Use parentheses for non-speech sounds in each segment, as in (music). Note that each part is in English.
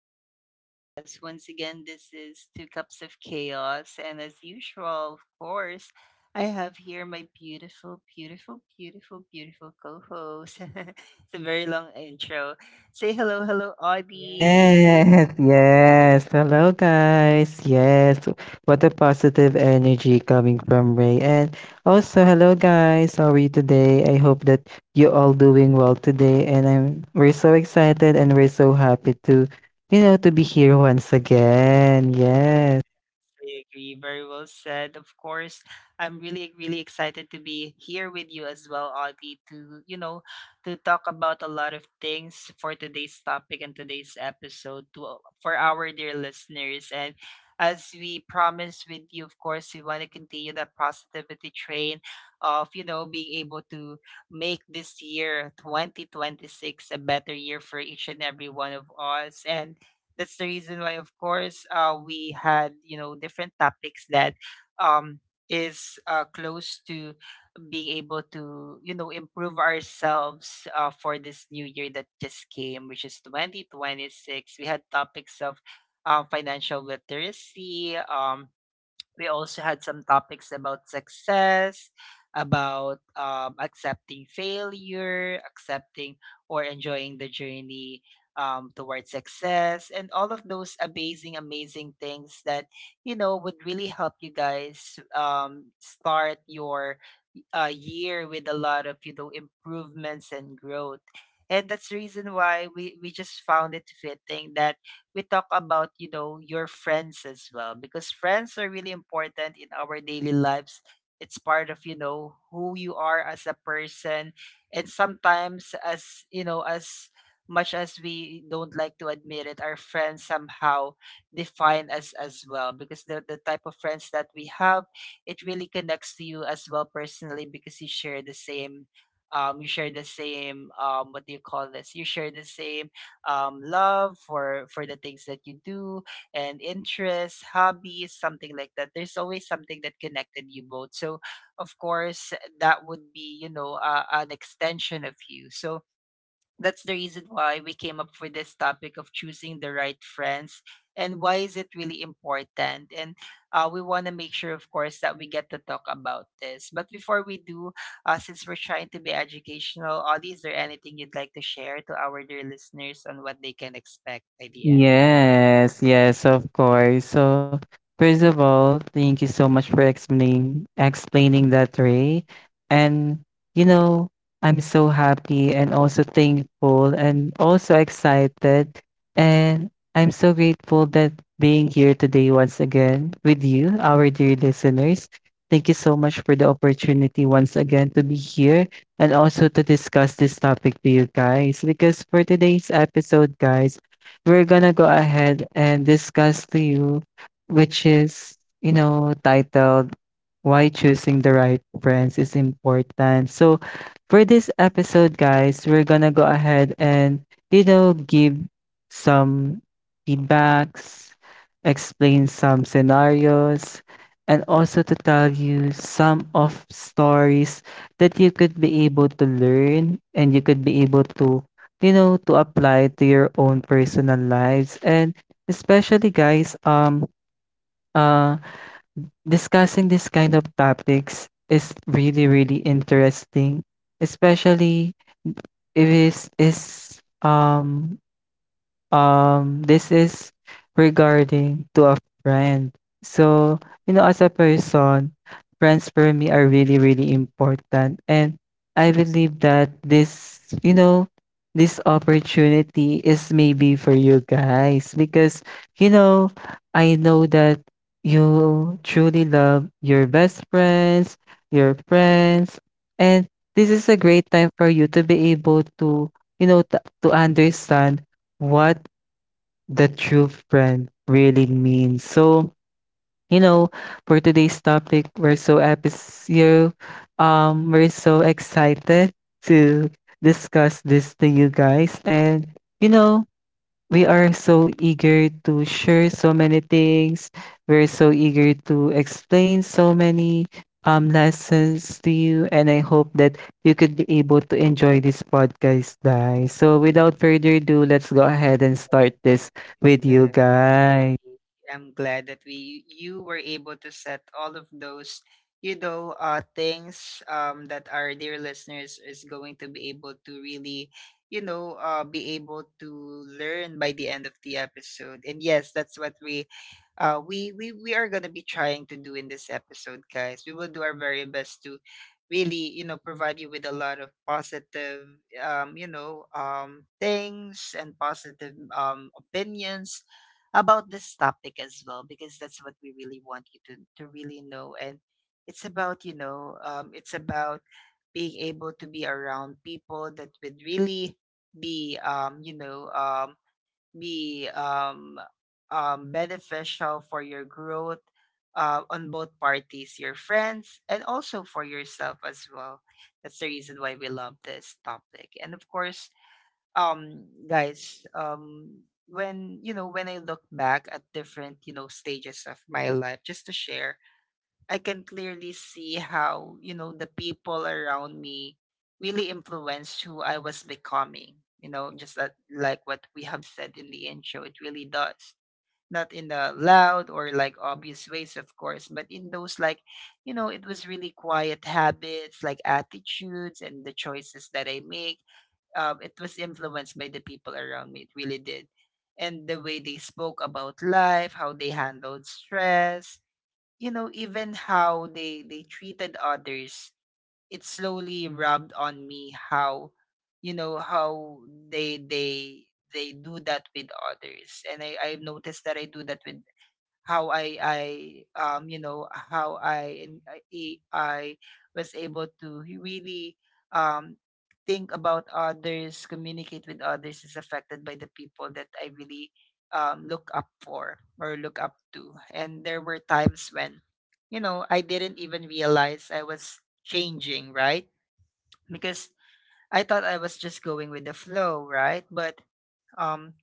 to our podcast. Once again, this is Two Cups of Chaos. And as usual, of course, I have here my beautiful, beautiful, beautiful, beautiful co host. (laughs) It's a very long intro. Say hello, hello, yeah. Audie. Yes, yes. Hello, guys. Yes. What a positive energy coming from Ray. And also, hello, guys. How are you today? I hope that you all doing well today. And I'm we're so excited and we're so happy to, you know, to be here once again. Yes. I agree. Very well said. Of course, I'm really, really excited to be here with you as well, Audie, to, to talk about a lot of things for today's topic and today's episode to for our dear listeners. And as we promised with you, of course, we want to continue that positivity train of, being able to make this year 2026 a better year for each and every one of us. And that's the reason why, of course, we had different topics that um, is close to being able to improve ourselves for this new year that just came, which is 2026. We had topics of financial literacy. We also had some topics about success, about accepting failure, accepting or enjoying the journey towards success, and all of those amazing, amazing things that would really help you guys start your year with a lot of improvements and growth. And that's the reason why we just found it fitting that we talk about your friends as well, because friends are really important in our daily lives. It's part of who you are as a person. And sometimes, as much as we don't like to admit it, our friends somehow define us as well, because they're the type of friends that we have. It really connects to you as well personally, because you share the same what do you call this, you share the same love for the things that you do and interests, hobbies, something like that. There's always something that connected you both. So of course that would be an extension of you. So that's the reason why we came up with this topic of choosing the right friends and why is it really important. And we want to make sure, of course, that we get to talk about this. But before we do, since we're trying to be educational, Audie, is there anything you'd like to share to our dear listeners on what they can expect by the Yes, yes, of course. So, first of all, thank you so much for explaining that, Ray. And you know, I'm so happy and also thankful and also excited. And I'm so grateful that being here today once again with you, our dear listeners. Thank you so much for the opportunity once again to be here and also to discuss this topic to you guys. Because for today's episode, guys, we're gonna go ahead and discuss to you, which is, you know, titled "Why Choosing the Right Friends is Important." So, for this episode, guys, we're gonna go ahead and, you know, give some feedbacks, explain some scenarios, and also to tell you some of stories that you could be able to learn and you could be able to you know, to apply to your own personal lives. And especially, guys, uh, discussing this kind of topics is really, really interesting, especially if it is um, this is regarding to a friend. So, you know, as a person, friends for me are really, really important. And I believe that this, you know, this opportunity is maybe for you guys because, you know, I know that you truly love your best friends, your friends, and this is a great time for you to be able to, you know, to understand what the true friend really means. So, you know, for today's topic, we're so episode, we're so excited to discuss this to you guys. And you know, we are so eager to share so many things. We're so eager to explain so many lessons to you. And I hope that you could be able to enjoy this podcast, guys. So, without further ado, let's go ahead and start this with end? you guys. I'm glad that we you were able to set all of those, things that our dear listeners is going to be able to really, be able to learn by the end of the episode. And yes, that's what we are gonna be trying to do in this episode, guys. We will do our very best to really provide you with a lot of positive things and positive opinions about this topic as well, because that's what we really want you to really know. And it's about it's about being able to be around people that would really be you know be beneficial for your growth on both parties, your friends and also for yourself as well. That's the reason why we love this topic. And of course, guys when I look back at different stages of my life, just to share, I can clearly see how the people around me really influenced who I was becoming. You know, just that like what we have said in the intro, it really does, not in the loud or like obvious ways of course, but in those like it was really quiet habits, like attitudes and the choices that I make. It was influenced by the people around me. It really did. And the way they spoke about life, how they handled stress, you know, even how they treated others, it slowly rubbed on me how, you know, how they they they do that with others. And I noticed that I do that with how I you know how I am- I was able to really um think about others, communicate with others, is affected by the people that I really look up for or look up to. And there were times when I didn't even realize I was changing, right? Because I thought I was just going with the flow, right? But um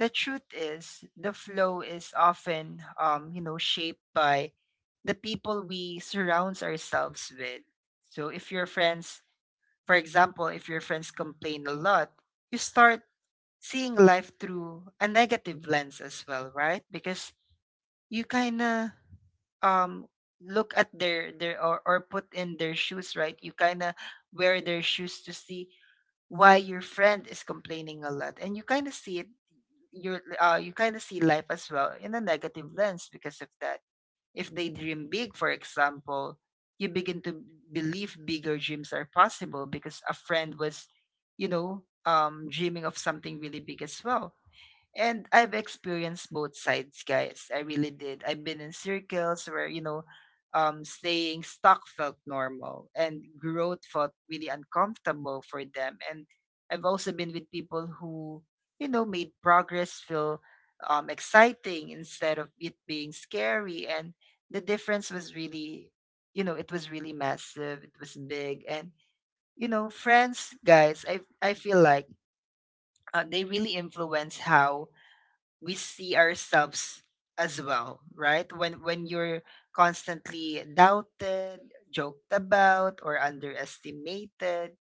the truth is the flow is often you know, shaped by the people we surround ourselves with. So if your friends, for example, if your friends complain a lot, you start seeing life through a negative lens as well, right? Because you kind of um look at their or put in their shoes, right? You kind of wear their shoes to see why your friend is complaining a lot, and you kind of see it, you kind of see life as well in a negative lens because of that. If they dream big, for example, you begin to believe bigger dreams are possible because a friend was, dreaming of something really big as well. And I've experienced both sides, guys. I really did. I've been in circles where, staying stuck felt normal and growth felt really uncomfortable for them. And I've also been with people who, you know, made progress feel exciting instead of it being scary. And the difference was really, you know, it was really massive. It was big. And, you know, friends, guys, I feel like they really influence how we see ourselves as well, right? When you're constantly doubted, joked about, or underestimated,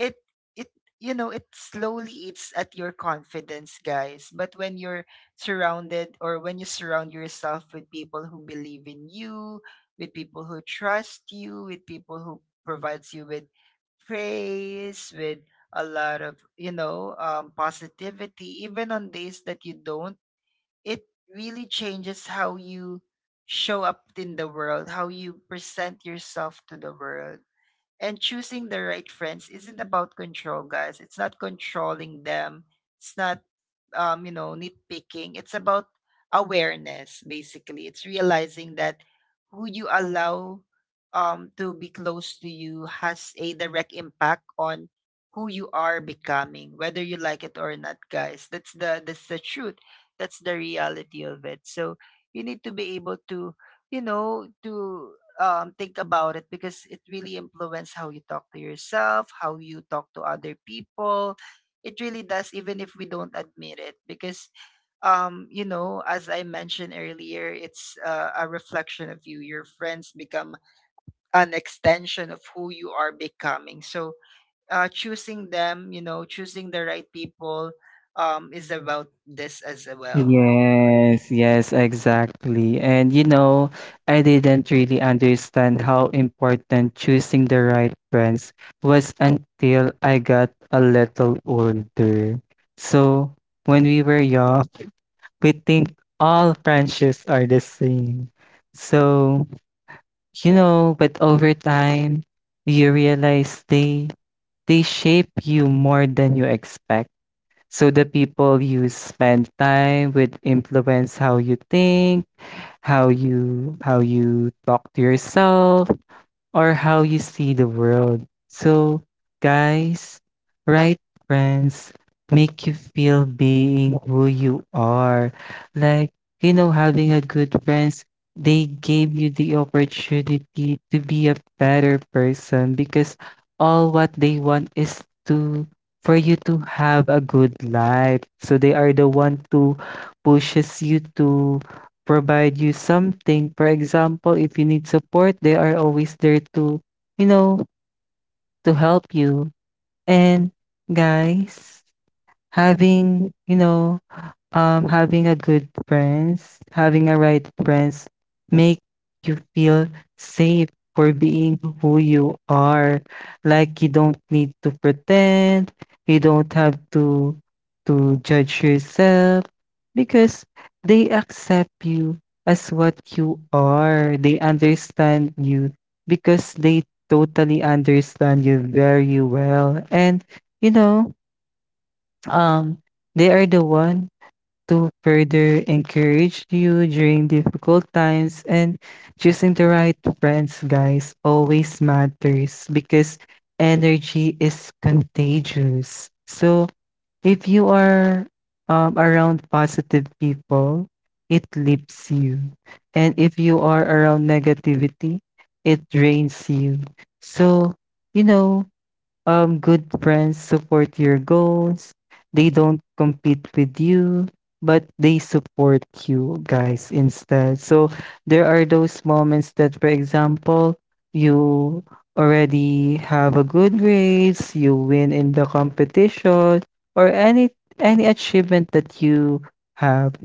it it you know, it slowly eats at your confidence, guys. But when you're surrounded, or when you surround yourself with people who believe in you, with people who trust you, with people who provides you with praise, with a lot of positivity, even on days that you don't, it really changes how you show up in the world, how you present yourself to the world. And choosing the right friends isn't about control, guys. It's not controlling them. It's not, nitpicking. It's about awareness, basically. It's realizing that who you allow to be close to you has a direct impact on who you are becoming, whether you like it or not, guys. That's the truth. That's the reality of it. So you need to be able to, you know, to think about it, because it really influences how you talk to yourself, how you talk to other people. It really does, even if we don't admit it, because you know, as I mentioned earlier, it's a reflection of you. Your friends become an extension of who you are becoming. So, choosing them, you know, choosing the right people is about this as well. Yes, yes, exactly. And you know, I didn't really understand how important choosing the right friends was until I got a little older. So, when we were young, we think all friendships are the same. So, you know, but over time, you realize they shape you more than you expect. So the people you spend time with influence how you think, how you talk to yourself, or how you see the world. So, guys, right friends make you feel being who you are. Like, you know, having a good friends, they gave you the opportunity to be a better person because all what they want is to for you to have a good life. So they are the one to pushes you to provide you something. For example, if you need support, they are always there to, you know, to help you. And guys, having, you know, having a good friends, having a right friends make you feel safe for being who you are. Like you don't need to pretend, you don't have to judge yourself because they accept you as what you are. They understand you because they totally understand you very well. And you know, um they are the one to further encourage you during difficult times, and choosing the right friends, guys, always matters because energy is contagious. So if you are around positive people, it lifts you. And if you are around negativity, it drains you. So, you know, good friends support your goals. They don't compete with you, but they support you guys instead. So there are those moments that, for example, you already have a good grades, you win in the competition, or any achievement that you have,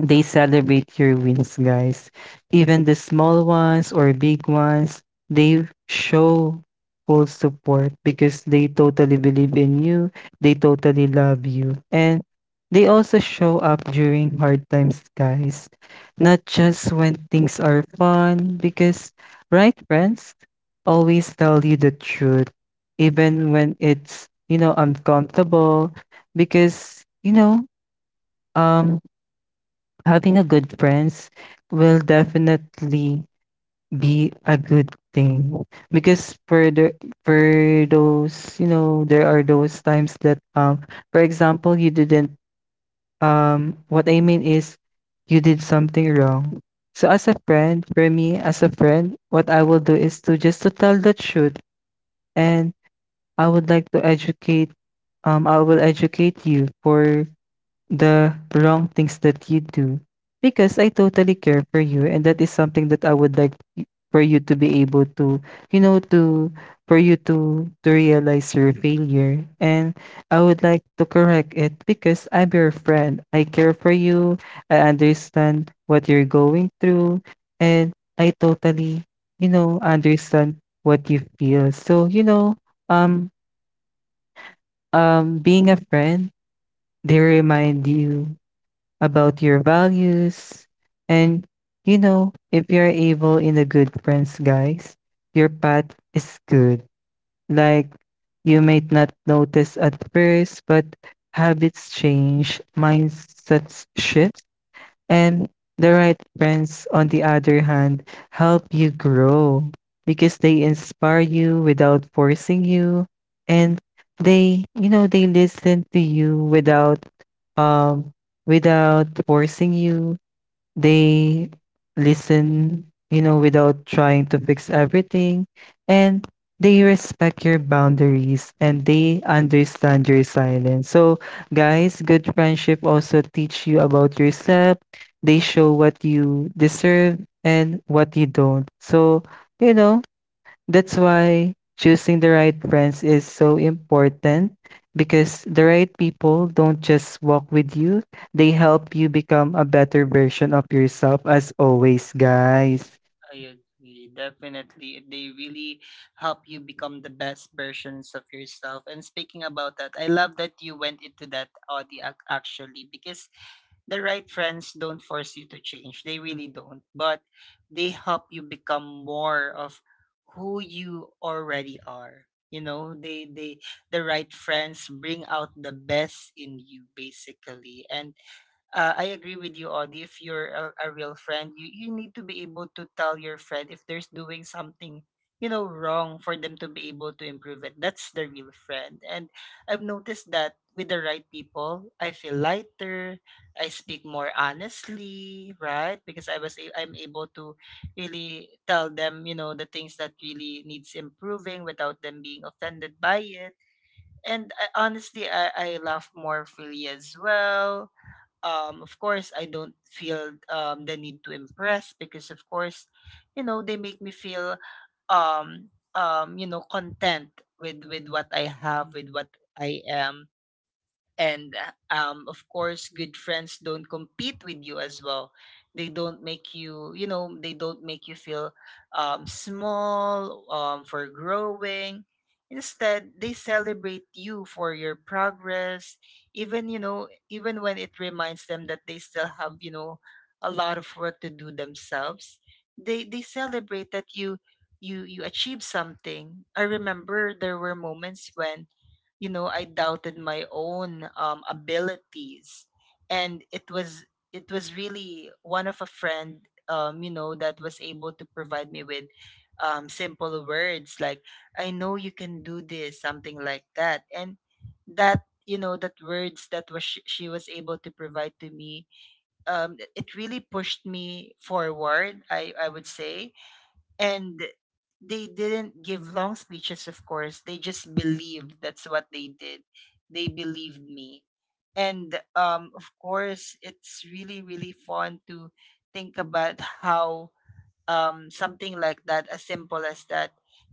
they celebrate your wins, guys. Even the small ones or big ones, they show full support because they totally believe in you. They totally love you. And they also show up during hard times, guys. Not just when things are fun, because, right, friends? Always tell you the truth, even when it's, you know, uncomfortable, because, you know, um, having a good friends will definitely be a good thing because for those you know there are those times that for example you didn't what I mean is you did something wrong. So as a friend, for me as a friend, what I will do is to just to tell the truth. And I would like to educate I will educate you for the wrong things that you do because I totally care for you, and that is something that I would like for you to be able to, you know, to for you to realize your failure. And I would like to correct it because I'm your friend. I care for you. I understand what you're going through, and I totally, you know, understand what you feel. So, you know, um being a friend, they remind you about your values. And, you know, if you're able in a good friends, guys, your path is good. Like, you might not notice at first, but habits change, mindsets shift, and the right friends, on the other hand, help you grow because they inspire you without forcing you. And they, you know, they listen to you without um without forcing you. They listen, you know, without trying to fix everything, and they respect your boundaries and they understand your silence. So, guys, good friendship also teach you about yourself. They show what you deserve and what you don't. So, you know, that's why choosing the right friends is so important because the right people don't just walk with you, they help you become a better version of yourself as always, guys. I agree. Definitely. They really help you become the best versions of yourself. And speaking about that, I love that you went into that, Audi, actually, because the right friends don't force you to change. They really don't. But they help you become more of who you already are. You know, the right friends bring out the best in you basically. And I agree with you, Audie. If you're a real friend, you need to be able to tell your friend if there's doing something, you know, wrong, for them to be able to improve it. That's the real friend. And I've noticed that with the right people, I feel lighter. I speak more honestly, right? Because I'm able to really tell them, you know, the things that really needs improving without them being offended by it. And I, honestly, I laugh more freely as well. Of course, I don't feel the need to impress, because, of course, you know, they make me feel, you know, content with what I have, with what I am. And of course, good friends don't compete with you as well. They don't make you, you know they don't make you feel small for growing. Instead, they celebrate you for your progress, even even when it reminds them that they still have, a lot of work to do themselves. They celebrate that you, you achieve something. I remember there were moments when, I doubted my own abilities, and it was, it was really one of a friend, that was able to provide me with simple words like, "I know you can do this," something like that. And that, that words that was, she was able to provide to me, it really pushed me forward, I would say. And they didn't give long speeches, of course. They just believed. That's what they did. They believed me. And of course, it's really, really fun to think about how something like that, as simple as that,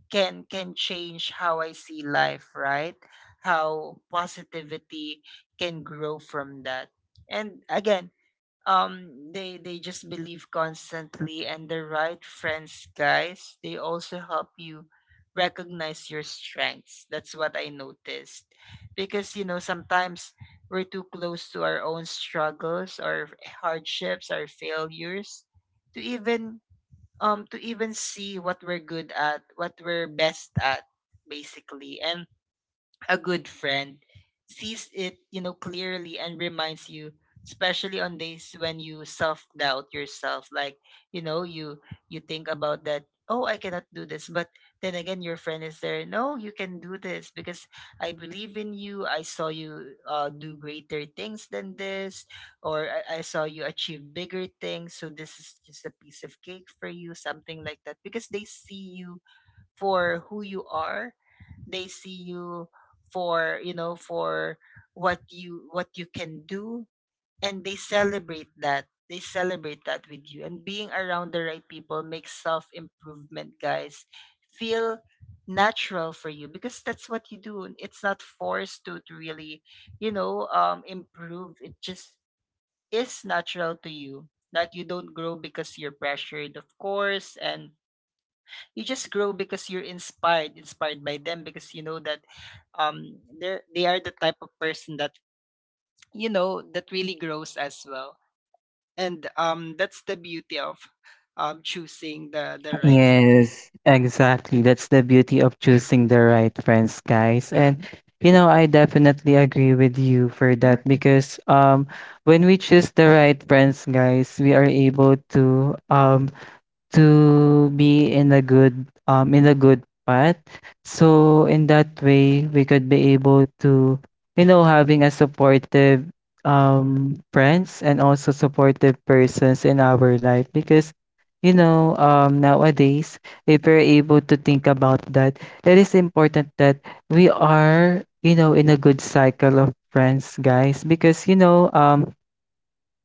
can change how I see life, right? How positivity can grow from that. And again, they just believe constantly. And the right friends, guys, they also help you recognize your strengths. That's what I noticed. Because, you know, sometimes we're too close to our own struggles, our hardships, our failures, to even, to even see what we're good at, what we're best at basically. And a good friend sees it, you know, clearly, and reminds you, especially on days when you self-doubt yourself, like, you know, you think about that, oh, I cannot do this. But then again, your friend is there. No, you can do this, because I believe in you. I saw you do greater things than this, or I saw you achieve bigger things. So this is just a piece of cake for you, something like that. Because they see you for who you are. They see you for, you know, for what you, what you can do. And they celebrate that. They celebrate that with you. And being around the right people makes self improvement, guys, feel natural for you, because that's what you do. And it's not forced to really, improve. It just is natural to you, like, you don't grow because you're pressured, of course. And you just grow because you're inspired, inspired by them, because you know that they're, they are the type of person that, you know, that really grows as well. And that's the beauty of choosing the right. Yes. Exactly. That's the beauty of choosing the right friends, guys. And you know, I definitely agree with you for that because when we choose the right friends, guys, we are able to be in a good path. So in that way, we could be able to, you know, having a supportive friends and also supportive persons in our life because you know nowadays, if we're able to think about that, it is important that we are you know in a good cycle of friends, guys, because you know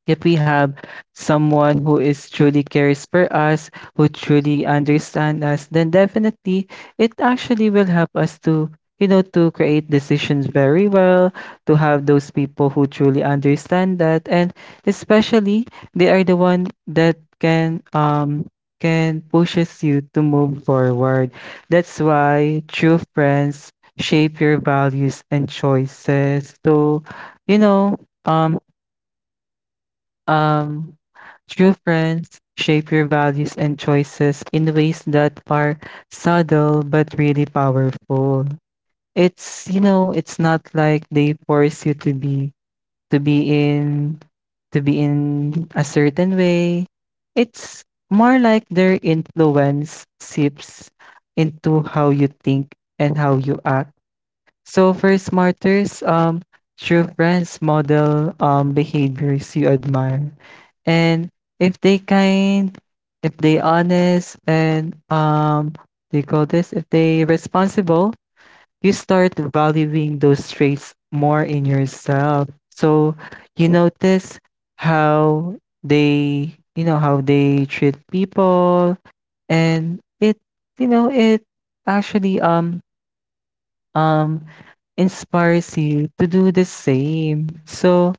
if we have someone who is truly cares for us, who truly understands us, then definitely it actually will help us to, you know, to create decisions very well, to have those people who truly understand that, and especially they are the one that can pushes you to move forward. That's why true friends shape your values and choices. So, you know, um true friends shape your values and choices in ways that are subtle but really powerful. It's, you know, it's not like they force you to be in to be in a certain way. It's more like their influence seeps into how you think and how you act. So for smarters, true friends model behaviors you admire, and if they kind, if they honest, and they call this if they responsible, you start valuing those traits more in yourself. So you notice how they, you know, how they treat people, and it, you know, it actually um inspires you to do the same. So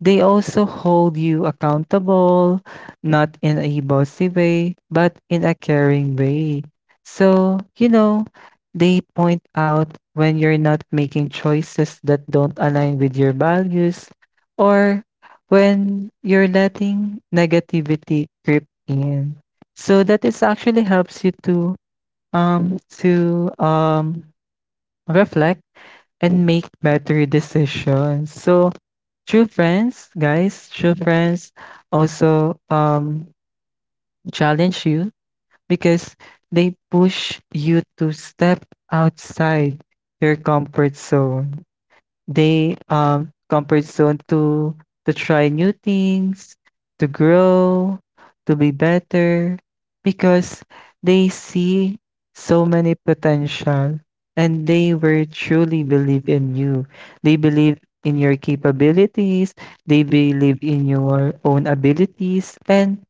they also hold you accountable, not in a bossy way, but in a caring way. So, you know, they point out when you're not making choices that don't align with your values or when you're letting negativity creep in. So that is actually helps you to um to um reflect and make better decisions. So true friends, guys, true friends also challenge you because they push you to step outside your comfort zone, they comfort zone to try new things, to grow, to be better, because they see so many potential and they were truly believe in you. They believe in your capabilities, they believe in your own abilities. And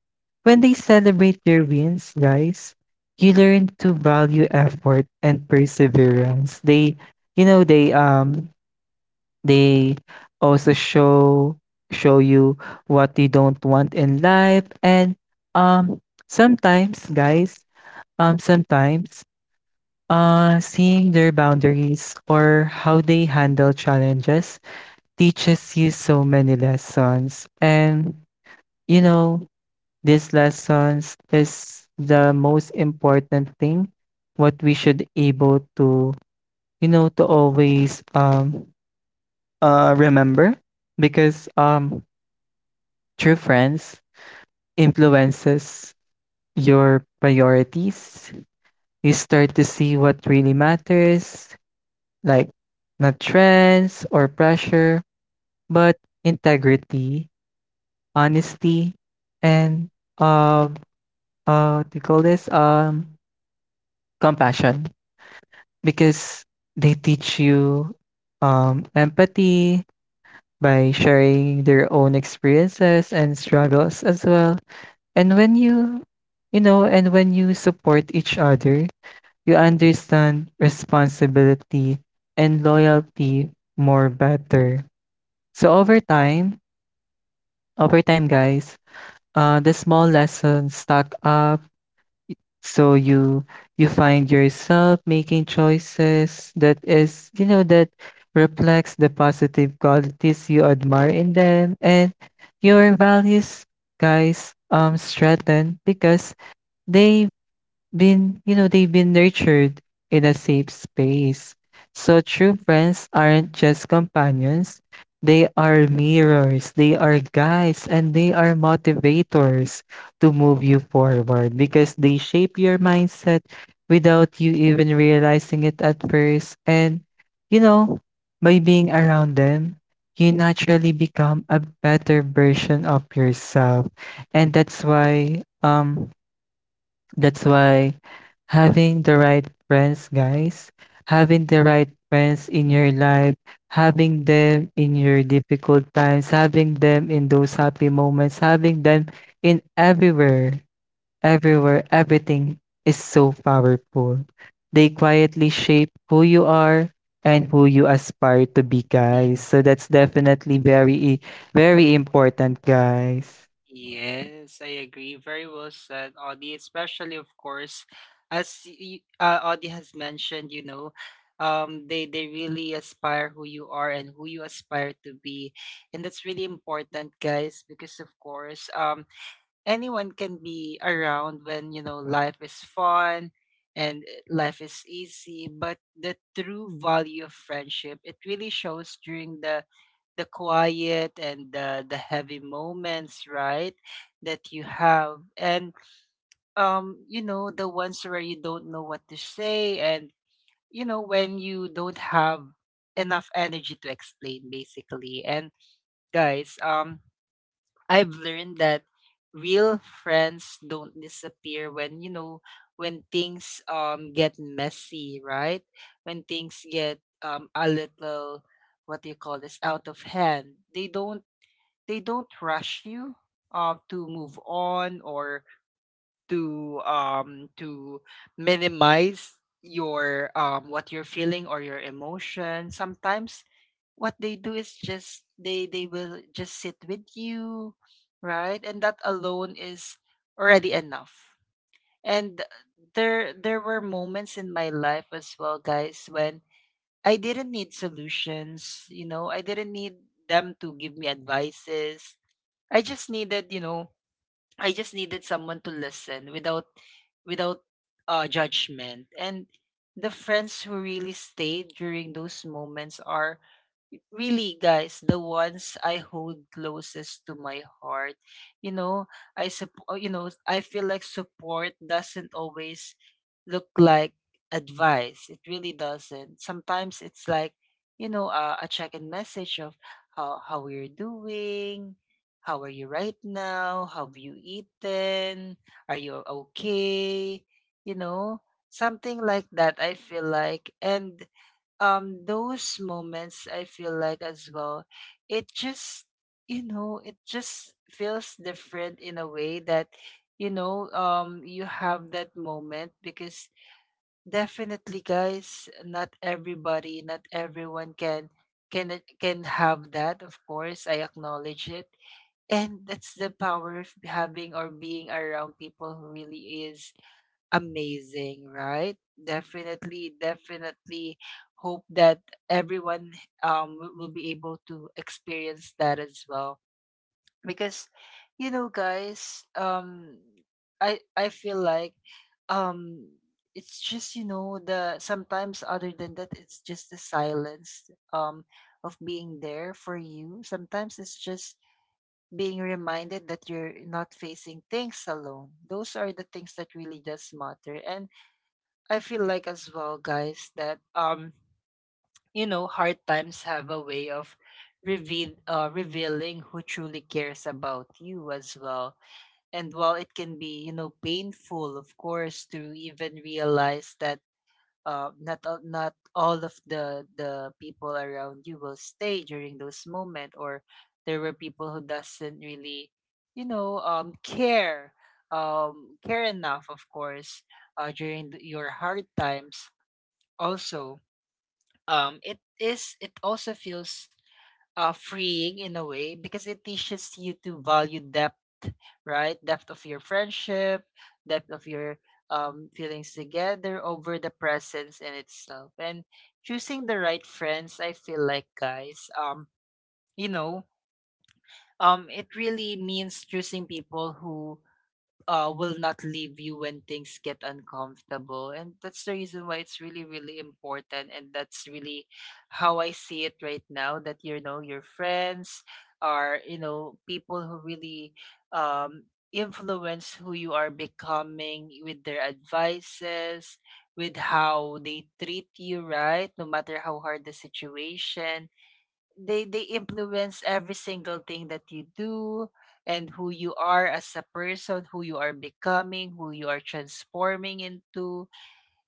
when they celebrate your wins, guys, you learn to value effort and perseverance. They you know they also show you what you don't want in life. And um sometimes, guys, sometimes seeing their boundaries or how they handle challenges teaches you so many lessons. And you know these lessons is the most important thing what we should able to you know to always remember, because true friends influences your priorities. You start to see what really matters, like not trends or pressure, but integrity, honesty, and um what do you call this, compassion, because they teach you empathy by sharing their own experiences and struggles as well. And when you know, and when you support each other, you understand responsibility and loyalty more better. So over time, guys, the small lessons stack up. So you find yourself making choices that is, you know, that reflects the positive qualities you admire in them and your values, guys, strengthen because they they've been nurtured in a safe space. So true friends aren't just companions, they are mirrors, they are guides, and they are motivators to move you forward because they shape your mindset without you even realizing it at first. And, you know, by being around them, you naturally become a better version of yourself. And that's why That's why having the right friends, guys, having the right friends in your life, having them in your difficult times, having them in those happy moments, having them in everywhere, everywhere, everything is so powerful. They quietly shape who you are and who you aspire to be, Yeah. guys. So that's definitely very, very important, Friend. guys. Yes, I agree. Very well said, Audie. Especially, of course, as you, Audie has mentioned, you know, they really aspire who you are and who you aspire to be, and that's really important, guys. Because of course, anyone can be around when, you know, life is fun and life is easy, but the true value of friendship, it really shows during the quiet and the heavy moments, right? That you have. And you know, the ones where you don't know what to say, and you know, when you don't have enough energy to explain basically. And guys, I've learned that real friends don't disappear when, you know, when things get messy, right? When things get a little, what do you call this, out of hand. They don't, they don't rush you to move on, or to minimize your what you're feeling or your emotion. Sometimes what they do is just, they will just sit with you, right? And that alone is already enough. And there were moments in my life as well, guys, when I didn't need solutions. You know, I didn't need them to give me advices. I just needed, you know, I just needed someone to listen without, without judgment. And the friends who really stayed during those moments are really, guys, the ones I hold closest to my heart, you know. I support, you know, I feel like support doesn't always look like advice. It really doesn't. Sometimes it's like, you know, a check-in message of how you're doing, how are you right now, how have you eaten, are you okay, you know, something like that, I feel like. And those moments, I feel like as well, it just, you know, it just feels different in a way, that you know, you have that moment. Because definitely, guys, not everybody, not everyone can can have that, of course. I acknowledge it. And that's the power of having or being around people who really is amazing, right? Definitely, definitely hope that everyone will be able to experience that as well. Because, you know, guys, I feel like um it's just, you know, the, sometimes other than that, it's just the silence of being there for you. Sometimes it's just being reminded that you're not facing things alone. Those are the things that really does matter. And I feel like as well, guys, that you know, hard times have a way of revealing who truly cares about you as well. And while it can be, you know, painful, of course, to even realize that not all of the people around you will stay during those moments, or there were people who doesn't really, you know, care care enough, of course, during the, your hard times. Also, it is, it also feels freeing in a way, because it teaches you to value depth, right? Depth of your friendship, depth of your feelings together, over the presence in itself. And choosing the right friends, I feel like, guys, you know, it really means choosing people who will not leave you when things get uncomfortable. And that's the reason why it's really, really important. And that's really how I see it right now, that, you know, your friends are, you know, people who really um, influence who you are becoming, with their advices, with how they treat you, right? No matter how hard the situation, they influence every single thing that you do and who you are as a person, who you are becoming, who you are transforming into.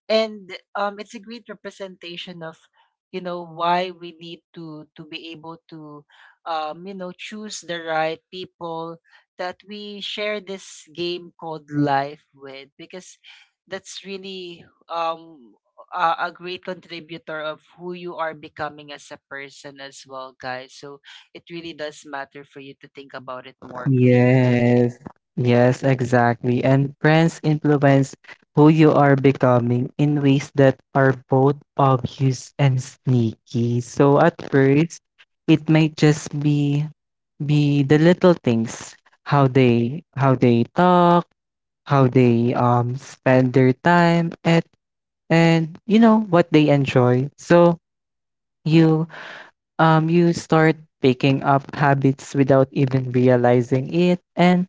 And it's a great representation of, you know, why we need to be able to you know, choose the right people that we share this game called life with, because that's really a great contributor of who you are becoming as a person as well, guys. So it really does matter for you to think about it more clearly. Yes, yes, exactly. And friends influence who you are becoming in ways that are both obvious and sneaky. So at first, it might just be the little things, how they talk, how they spend their time at and you know what they enjoy. So you you start picking up habits without even realizing it. And,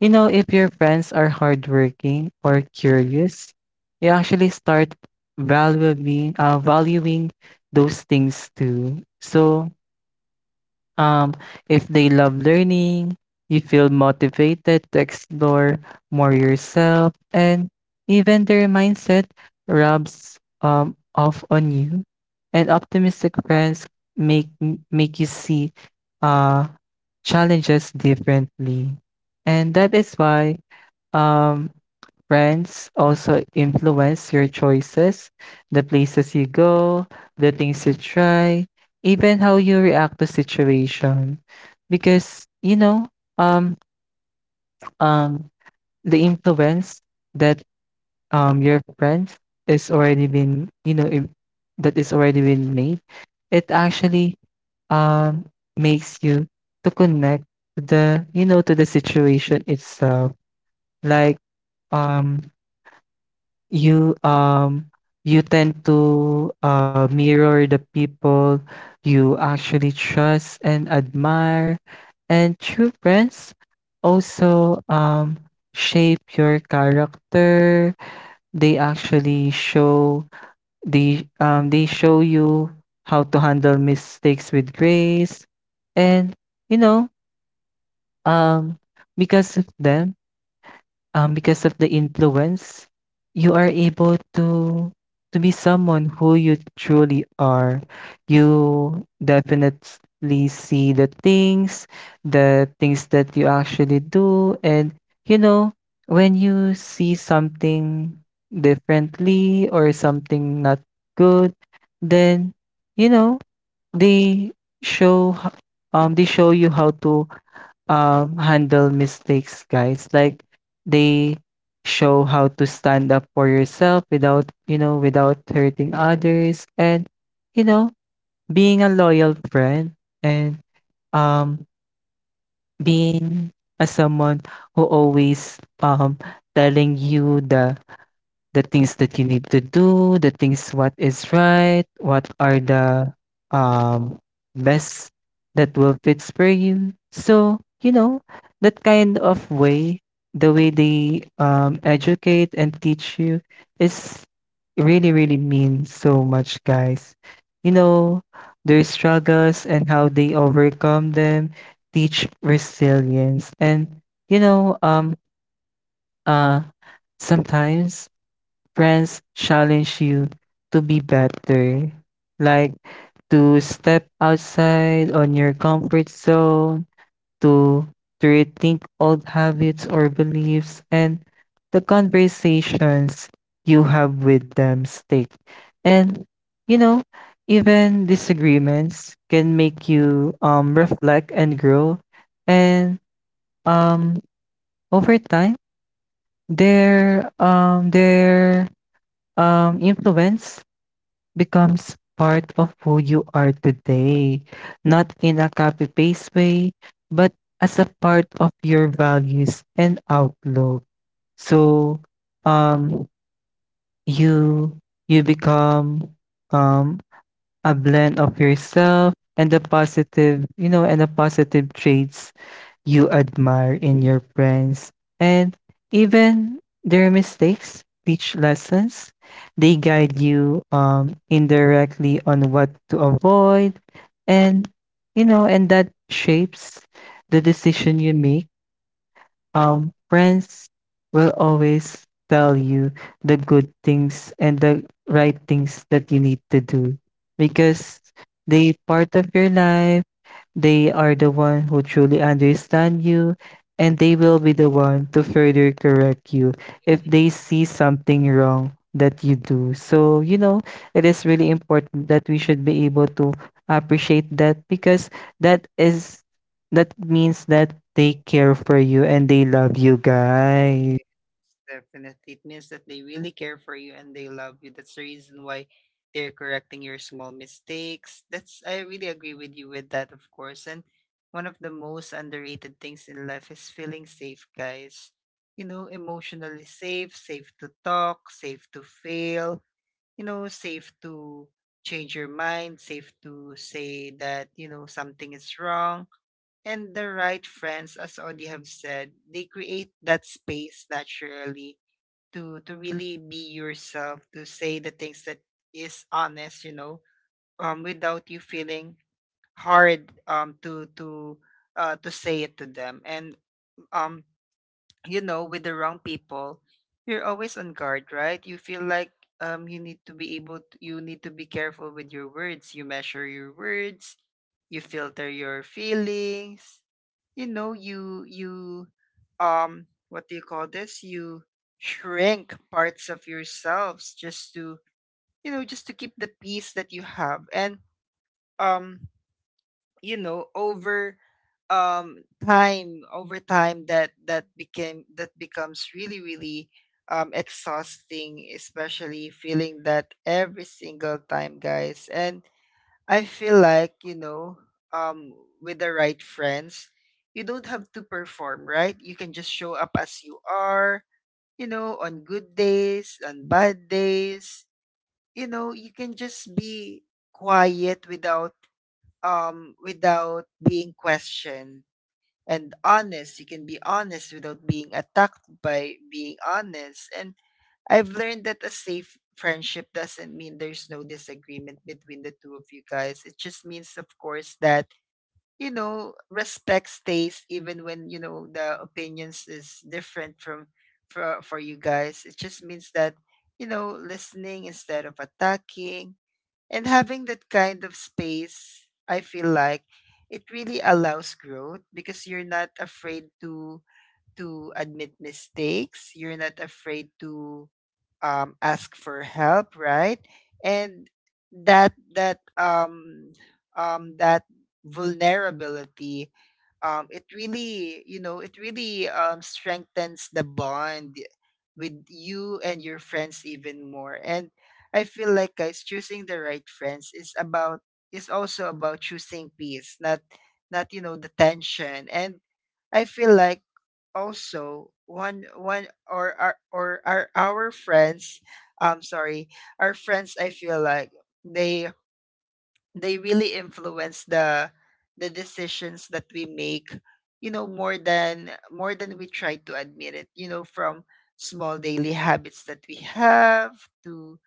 you know, if your friends are hardworking or curious, you actually start valuing those things too. So, um, if they love learning, you feel motivated to explore more yourself, and even their mindset rubs off on you. And optimistic friends make make you see uh, challenges differently, and that is why um, friends also influence your choices, the places you go, the things you try, even how you react to situation. Because you know, um, um, the influence that your friends is already been you know im- that is already been made, it actually um makes you to connect to the, you know, to the situation itself. Like um you um you tend to mirror the people you actually trust and admire, and true friends also shape your character. They actually show the they show you how to handle mistakes with grace. And, you know, um because of them, because of the influence, you are able to be someone who you truly are. You definitely see the things that you actually do, and you know when you see something differently or something not good, then you know they show h- they show you how to handle mistakes, guys. Like they show how to stand up for yourself without, you know, without hurting others and, you know, being a loyal friend and um being a someone who always telling you the things that you need to do, the things what is right, what are the um best that will fits for you. So, you know, that kind of way, the way they educate and teach you is really really mean so much, guys. You know, their struggles and how they overcome them teach resilience. And, you know, uh sometimes friends challenge you to be better, like to step outside on your comfort zone, to, to rethink old habits or beliefs, and the conversations you have with them stick. And, you know, even disagreements can make you reflect and grow. And um, over time, their influence becomes part of who you are today, not in a copy paste way, but as a part of your values and outlook. So, um, you you become um a blend of yourself and the positive, you know, and the positive traits you admire in your friends. And even their mistakes teach lessons. They guide you indirectly on what to avoid. And, you know, and that shapes the decision you make. Friends will always tell you the good things and the right things that you need to do because they part of your life. They are the one who truly understand you, and they will be the one to further correct you if they see something wrong that you do. So, you know, it is really important that we should be able to appreciate that, because that is that means that they care for you and they love you, guys. Yes, definitely. It means that they really care for you and they love you. That's the reason why they're correcting your small mistakes. That's, I really agree with you with that, of course. And one of the most underrated things in life is feeling safe, guys. You know, emotionally safe, safe to talk, safe to fail, you know, safe to change your mind, safe to say that, you know, something is wrong. And the right friends, as Audie have said, they create that space naturally to really be yourself, to say the things that is honest, you know, without you feeling hard to say it to them. And um, you know, with the wrong people, you're always on guard, right? You feel like you need to be able to, you need to be careful with your words. You measure your words, you filter your feelings, you know, you what do you call this, you shrink parts of yourselves just to, you know, just to keep the peace that you have. And um you know, over time, over time, that, that became that becomes really, really exhausting, especially feeling that every single time, guys. And I feel like, you know, um, with the right friends, you don't have to perform, right? You can just show up as you are, you know, on good days, on bad days. You know, you can just be quiet without without being questioned, and honest. You can be honest without being attacked by being honest. And I've learned that a safe friendship doesn't mean there's no disagreement between the two of you, guys. It just means, of course, that, you know, respect stays even when, you know, the opinions is different from, for you guys. It just means that, you know, listening instead of attacking, and having that kind of space. I feel like it really allows growth, because you're not afraid to admit mistakes. You're not afraid to ask for help, right? And that, that vulnerability, it really, you know, it really strengthens the bond with you and your friends even more. And I feel like guys choosing the right friends is about is also about choosing peace, not not the tension. And I feel like also one one or our friends sorry our friends. I feel like they they really influence the decisions that we make, you know, more than we try to admit, it you know, from small daily habits that we have to,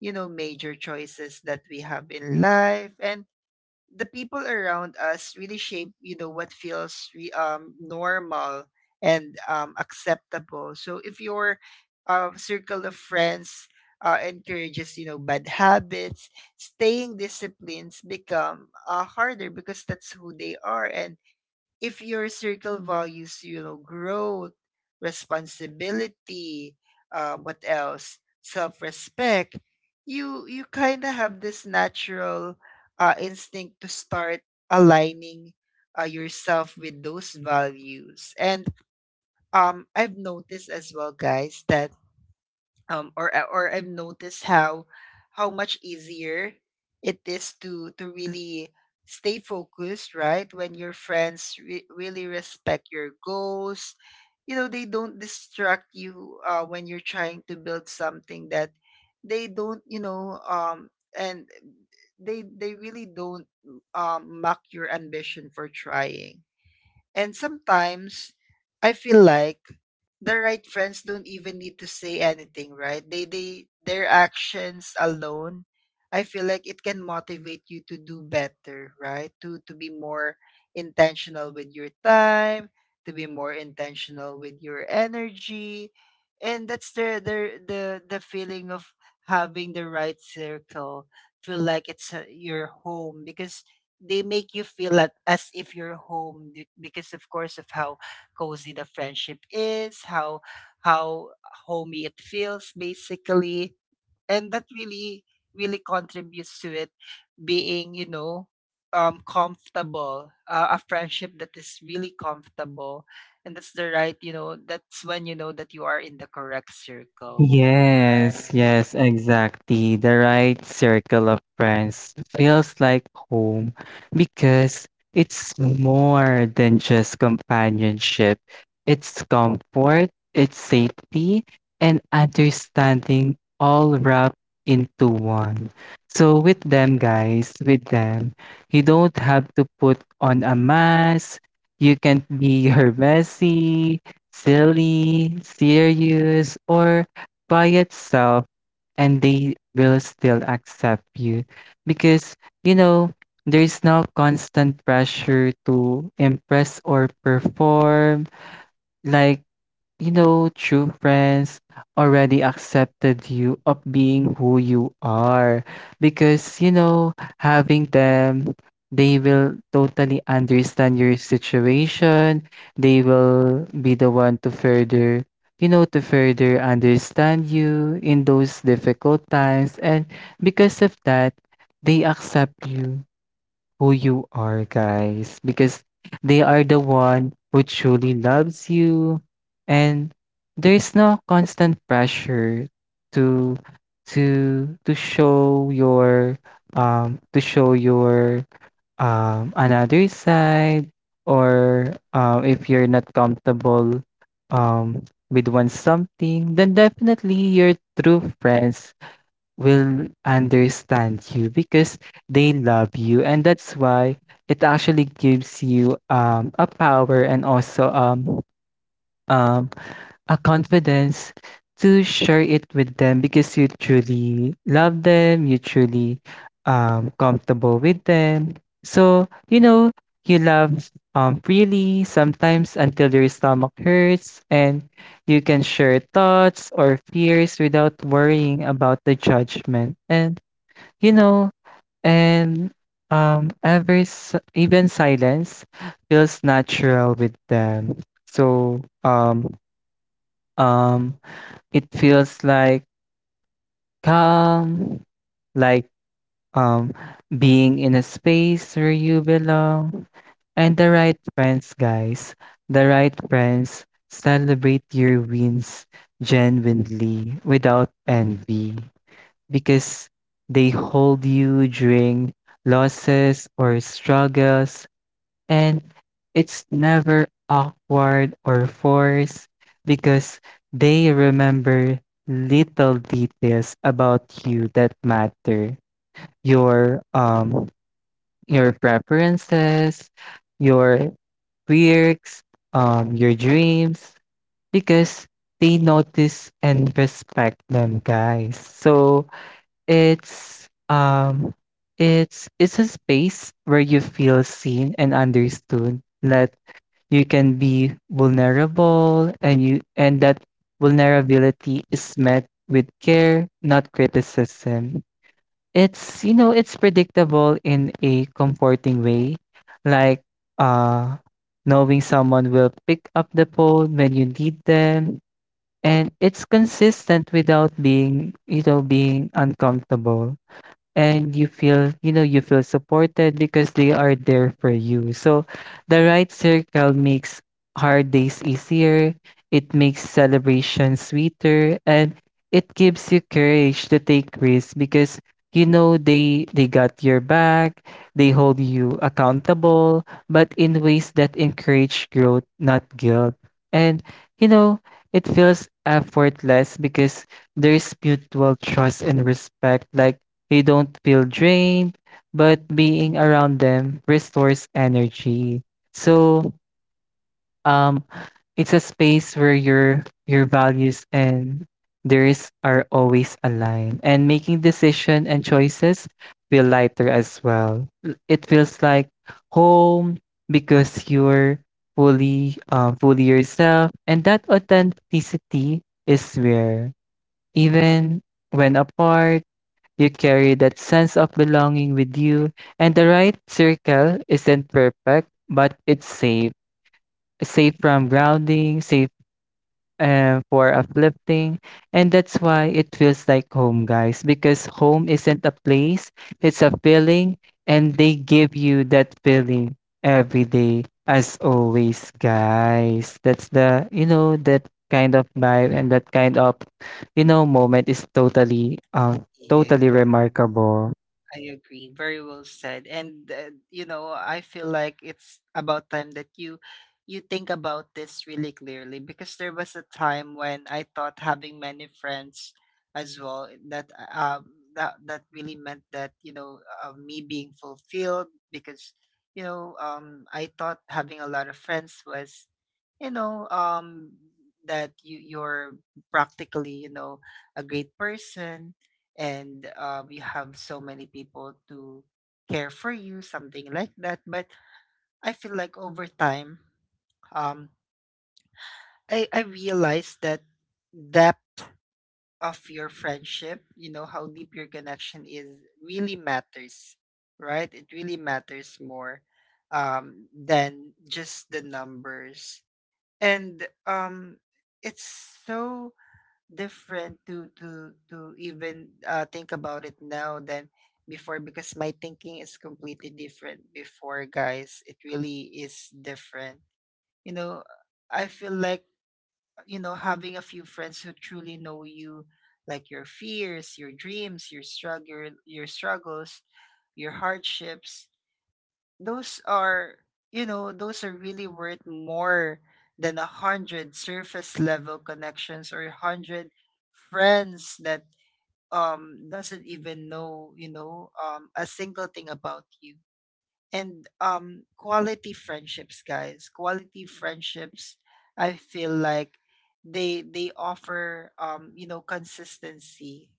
you know, major choices that we have in life. And the people around us really shape, you know, what feels normal and acceptable. So if your circle of friends encourages, you know, bad habits, staying disciplines become harder because that's who they are. And if your circle values, you know, growth, responsibility, what else, self-respect, you kind of have this natural instinct to start aligning yourself with those values. And I've noticed as well, guys, that or I've noticed how much easier it is to really stay focused, right, when your friends really respect your goals. You know, they don't distract you when you're trying to build something. That they don't, you know, and they really don't mock your ambition for trying. And sometimes I feel like the right friends don't even need to say anything, right? They, their actions alone, I feel like, it can motivate you to do better, right? To be more intentional with your time, to be more intentional with your energy. And that's the feeling of having the right circle. Feel like it's your home because they make you feel like as if you're home because, of course, of how cozy the friendship is, how how homey it feels, basically. And that really contributes to it being, you know, comfortable. A friendship that is really comfortable. And that's the right, you know, that's when you know that you are in the correct circle, right? Yes, yes, exactly. The right circle of friends feels like home because it's more than just companionship. It's comfort, it's safety, and understanding all wrapped into one. So, with them, guys, with them, you don't have to put on a mask. You can be (laughs) your messy, silly, serious, or by itself, and they will still accept you because you know there's no constant pressure to impress or perform. Like, you know, true friends already accepted you of being who you are because, you know, having them, they will totally understand your situation. They will be the one to further, you know, to further understand you in those difficult times. And because of that, they accept you who you are, guys, because they are the one who truly loves you, and there's no constant pressure to to to show your to show your another side, or if you're not comfortable um with one something, then definitely your true friends will understand you because they love you, and that's why it actually gives you a power and also um a confidence to share it with them, because you truly love them, you truly comfortable with them. So, you know, you love freely, sometimes until your stomach hurts, and you can share thoughts or fears without worrying about the judgment. And, you know, and even silence feels natural with them. So, um, it feels like calm, like um being in a space where you belong. And the right friends, guys. The right friends celebrate your wins genuinely without envy because they hold you during losses or struggles, and it's never awkward or forced because they remember little details about you that matter. Your your preferences, your quirks, your dreams, because they notice and respect them, guys. So it's it's a space where you feel seen and understood. Not you can be vulnerable, and you and that vulnerability is met with care, not criticism. It's, you know, it's predictable in a comforting way, like uh knowing someone will pick up the phone when you need them, and it's consistent without being, you know, being uncomfortable, and you feel, you know, you feel supported because they are there for you. So the right circle makes hard days easier, it makes celebration sweeter, and it gives you courage to take risks because, you know, they got your back. They hold you accountable, but in ways that encourage growth, not guilt. And, you know, it feels effortless because there's mutual trust and respect. Like, you don't feel drained, but being around them restores energy. So, um, it's a space where your values and theirs are always aligned, and making decision and choices feel lighter as well. It feels like home because you're fully yourself, and that authenticity is rare. Even when apart, you carry that sense of belonging with you, and the right circle isn't perfect, but it's safe. Safe from grounding, safe for uplifting, and that's why it feels like home, guys, because home isn't a place, it's a feeling, and they give you that feeling every day, as always, guys. That's the, you know, that kind of vibe and that kind of, you know, moment is Yeah, totally remarkable. I agree. Very well said. And you know, I feel like it's about time that you think about this really clearly. Because there was a time when I thought having many friends as well, that that really meant that, you know, me being fulfilled. Because, you know, I thought having a lot of friends was, you know, that you're practically, you know, a great person, and you have so many people to care for you, something like that. But I feel like over time, um, I realized that depth of your friendship, you know, how deep your connection is, really matters, right? It really matters more than just the numbers. And it's so different to even think about it now than before, because my thinking is completely different before, guys. It really is different. You know, I feel like, you know, having a few friends who truly know you, like your fears, your dreams, your struggle your struggles, your hardships, those are, you know, those are really worth more than 100 surface level connections, or 100 friends that doesn't even know, you know, a single thing about you. And quality friendships, guys, quality friendships, I feel like they offer you know, consistency.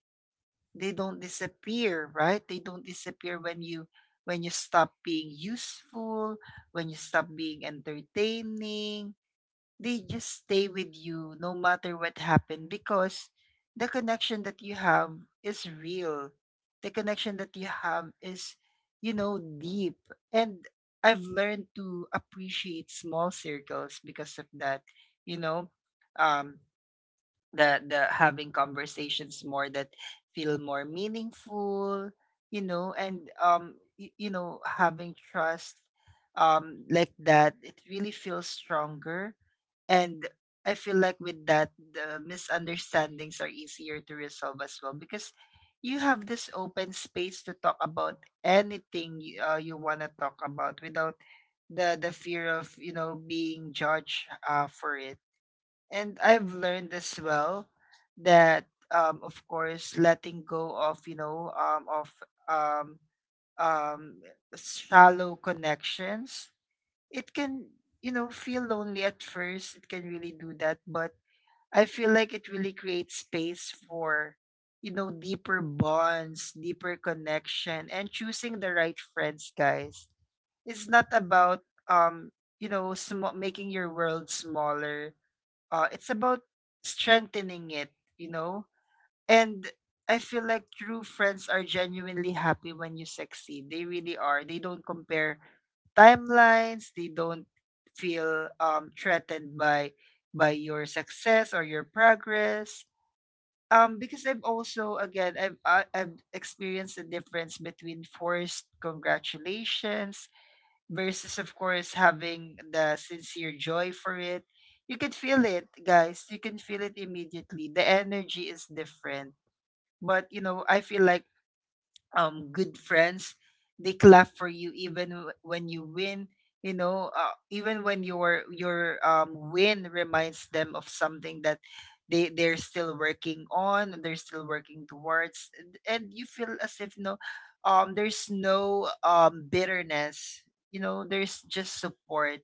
They don't disappear, right? They don't disappear when you stop being useful, when you stop being entertaining. They just stay with you no matter what happened, because the connection that you have is real. The connection that you have is, you know, deep. And I've learned to appreciate small circles because of that. You know, um, the having conversations more that feel more meaningful, you know. And you know, having trust like that, it really feels stronger. And I feel like with that, the misunderstandings are easier to resolve as well, because you have this open space to talk about anything you want to talk about, without the fear of, you know, being judged for it. And I've learned as well that of course, letting go of, you know, of um um shallow connections, it can, you know, feel lonely at first, it can really do that. But I feel like it really creates space for, you know, deeper bonds, deeper connection. And choosing the right friends, guys, it's not about um you know, making your world smaller. It's about strengthening it, you know? And I feel like true friends are genuinely happy when you succeed. They really are. They don't compare timelines. They don't feel threatened by your success or your progress. Because I've also, again, I've experienced the difference between forced congratulations versus, of course, having the sincere joy for it. You can feel it, guys, you can feel it immediately. The energy is different. But you know, I feel like good friends, they clap for you even when you win. You know, even when your win reminds them of something that they're still working on, and they're still working towards. And you feel as if, you know, there's no bitterness, you know, there's just support.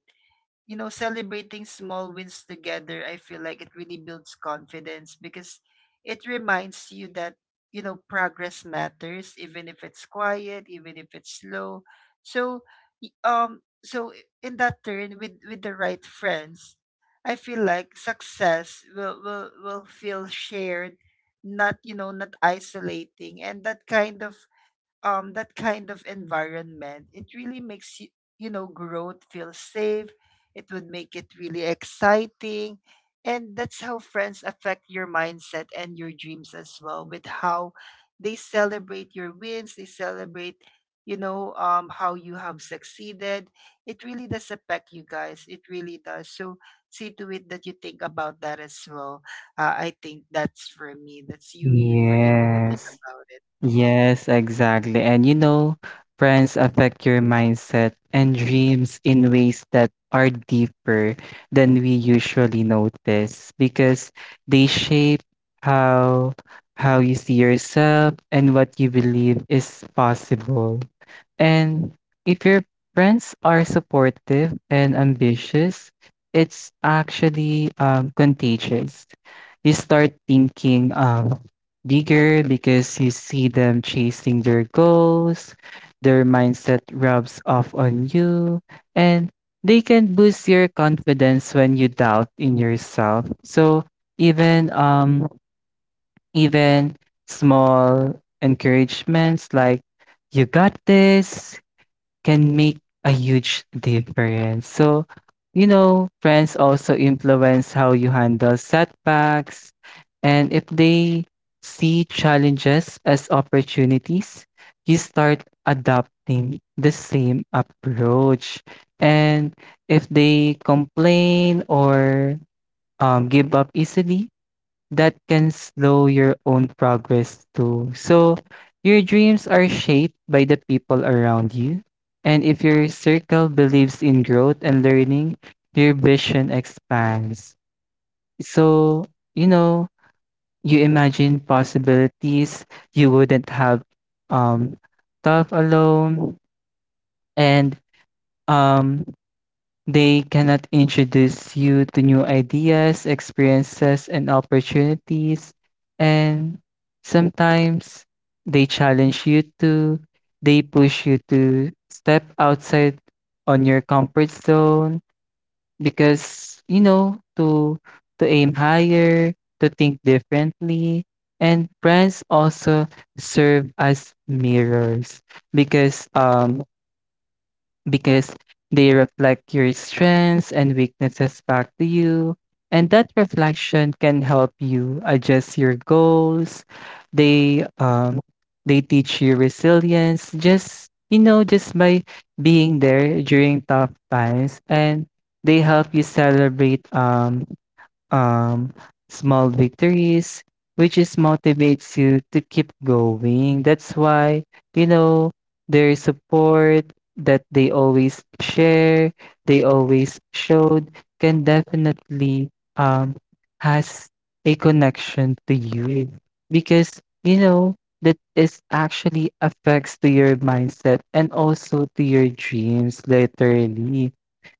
You know, celebrating small wins together, I feel like it really builds confidence, because it reminds you that, you know, progress matters, even if it's quiet, even if it's slow. So, so in that turn, with the right friends, I feel like success will, will feel shared, not, you know, not isolating. And that kind of environment, it really makes you, you know, growth feel safe. It would make it really exciting. And that's how friends affect your mindset and your dreams as well, with how they celebrate your wins, they celebrate, you know, how you have succeeded. It really does affect you, guys. It really does. So see to it that you think about that as well. I think that's for me. That's you were able to think Yes, about it. yes, exactly. And you know, friends affect your mindset and dreams in ways that are deeper than we usually notice because they shape how how you see yourself and what you believe is possible. And if your friends are supportive and ambitious, it's actually contagious. You start thinking bigger because you see them chasing their goals, their mindset rubs off on you, and they can boost your confidence when you doubt in yourself. So even um even small encouragements like you got this can make a huge difference. So, you know, friends also influence how you handle setbacks. And if they see challenges as opportunities, you start adopting the same approach. And if they complain or give up easily, that can slow your own progress too. So, your dreams are shaped by the people around you. And if your circle believes in growth and learning, your vision expands. So, you know, you imagine possibilities you wouldn't have um, thought alone. And um, they cannot introduce you to new ideas, experiences, and opportunities. And sometimes they challenge you to, they push you to step outside on your comfort zone because, you know, to aim higher, to think differently. And brands also serve as mirrors because um because they reflect your strengths and weaknesses back to you. And that reflection can help you adjust your goals. They um they teach you resilience just, you know, just by being there during tough times, and they help you celebrate um, small victories, which is motivates you to keep going. That's why, you know, their support that they always share, they always showed can definitely um has a connection to you because, you know, that is actually affects to your mindset and also to your dreams laterally.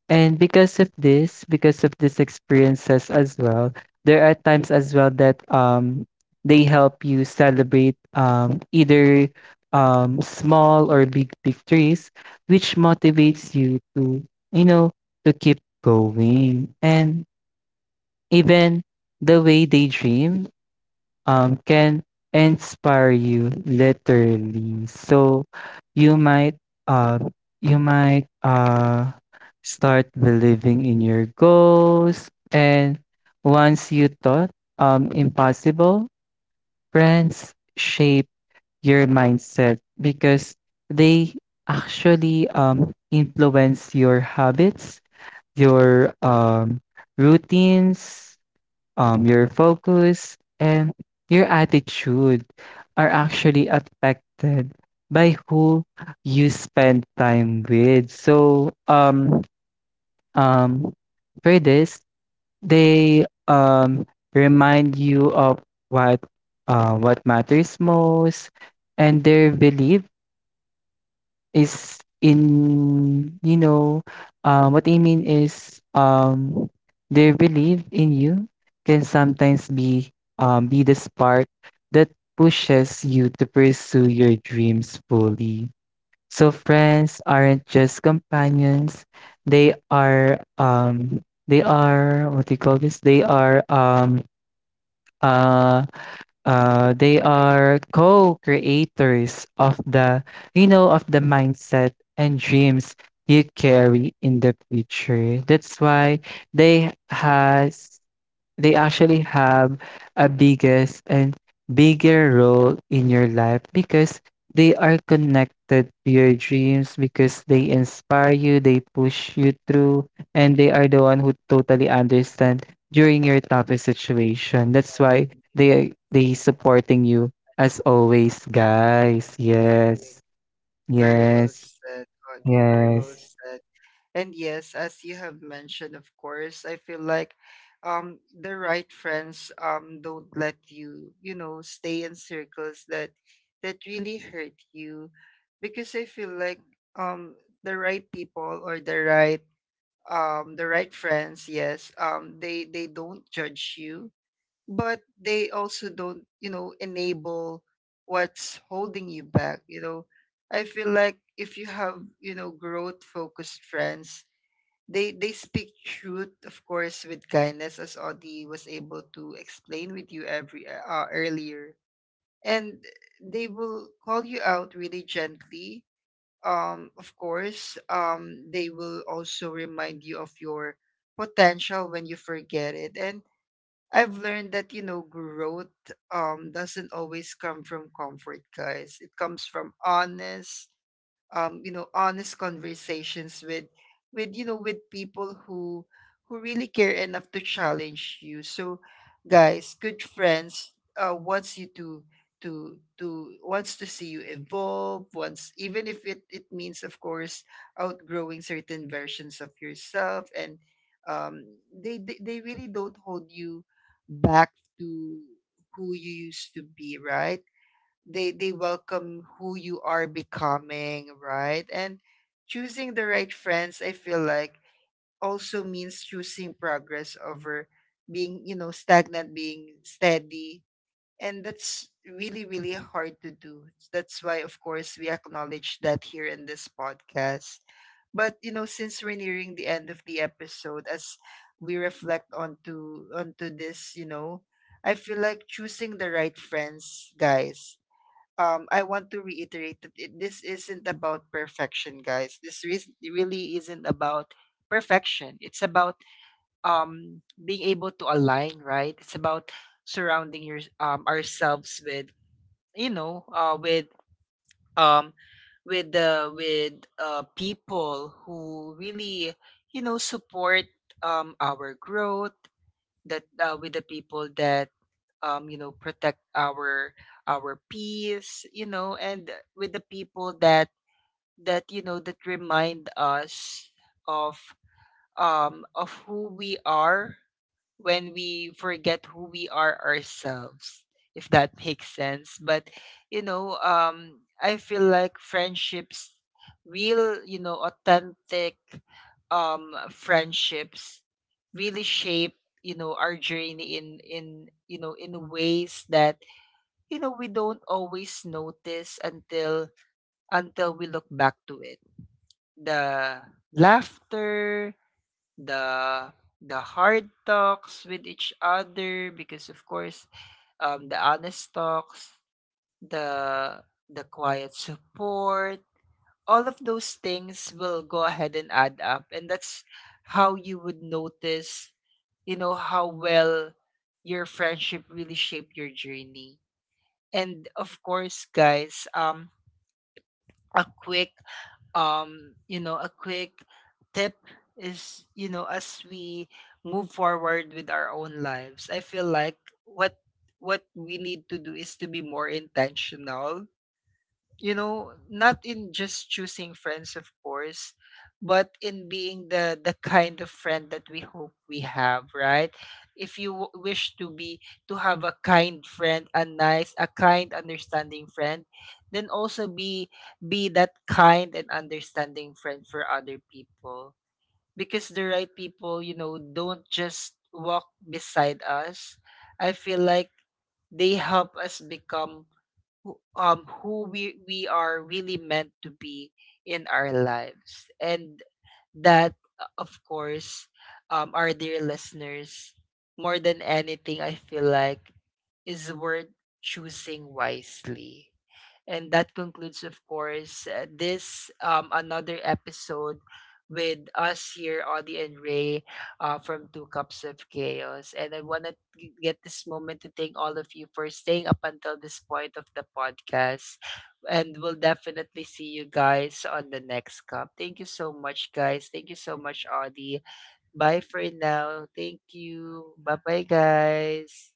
And because of this, because of these experiences as well, there are times as well that they help you celebrate either small or big victories, which motivates you to, you know, to keep going. And even the way they dream can inspire you literally. So you might uh, you might start believing in your goals and once you thought impossible, friends shape your mindset because they actually influence your habits, your routines, your focus, and your attitude are actually affected by who you spend time with. So, um, for this, they remind you of what what matters most and their belief is in, you know, what I mean is, their belief in you can sometimes be the spark that pushes you to pursue your dreams fully. So friends aren't just companions, they are, um, they are what do you call this? Uh they are co-creators of the, you know, of the mindset and dreams you carry in the future. That's why they has they actually have a biggest and bigger role in your life because they are connected to your dreams because they inspire you, they push you through, and they are the one who totally understand during your toughest situation. That's why they supporting you as always, guys. Yes. Very well Yes. said, Audie. Very well Yes. said. And yes, as you have mentioned, of course, I feel like the right friends don't let you, you know, stay in circles that really hurt you. Because I feel like um the right people, or the right friends, yes, they don't judge you, but they also don't, you know, enable what's holding you back, you know. I feel like if you have, you know, growth focused friends, they speak truth, of course, with kindness, as Audie was able to explain with you every earlier. And they will call you out really gently. Of course, they will also remind you of your potential when you forget it. And I've learned that, you know, growth doesn't always come from comfort, guys. It comes from honest, you know, honest conversations with you know, with people who really care enough to challenge you. So, guys, good friends wants you to wants to see you evolve, wants, even if it means, of course, outgrowing certain versions of yourself. And um they really don't hold you back to who you used to be, right? They welcome who you are becoming, right? And choosing the right friends, I feel like, also means choosing progress over being, you know, stagnant, being steady. And that's really hard to do. That's why, of course, we acknowledge that here in this podcast. But you know, since we're nearing the end of the episode, as we reflect onto this, you know, I feel like choosing the right friends, guys, I want to reiterate that this isn't about perfection, guys. This really isn't about perfection. It's about being able to align, right? It's about surrounding your ourselves with, you know, um, with the with people who really, you know, support our growth. That with the people that you know, protect our peace, you know, and with the people that you know, that remind us of of who we are when we forget who we are ourselves, if that makes sense. But you know, I feel like friendships, real, you know, authentic friendships, really shape, you know, our journey in you know, in ways that, you know, we don't always notice until we look back to it. The laughter, the the hard talks with each other, because, of course, the honest talks, the the quiet support, all of those things will go ahead and add up. And that's how you would notice, you know, how well your friendship really shaped your journey. And of course, guys, a quick you know, a quick tip is, you know, as we move forward with our own lives, I feel like, what what we need to do is to be more intentional, you know, not in just choosing friends, of course, but in being the kind of friend that we hope we have, right? If you wish to be to have a kind friend, a nice a kind understanding friend, then also be that kind and understanding friend for other people. Because the right people, you know, don't just walk beside us. I feel like they help us become who we are really meant to be in our lives. And that, of course, our dear listeners, more than anything, I feel like, is worth choosing wisely. And that concludes, of course, this another episode with us here, Audie and Ray, from Two Cups of Chaos. And I want to get this moment to thank all of you for staying up until this point of the podcast. And we'll definitely see you guys on the next cup. Thank you so much, guys. Thank you so much, Audie. Bye for now. Thank you. Bye bye, guys.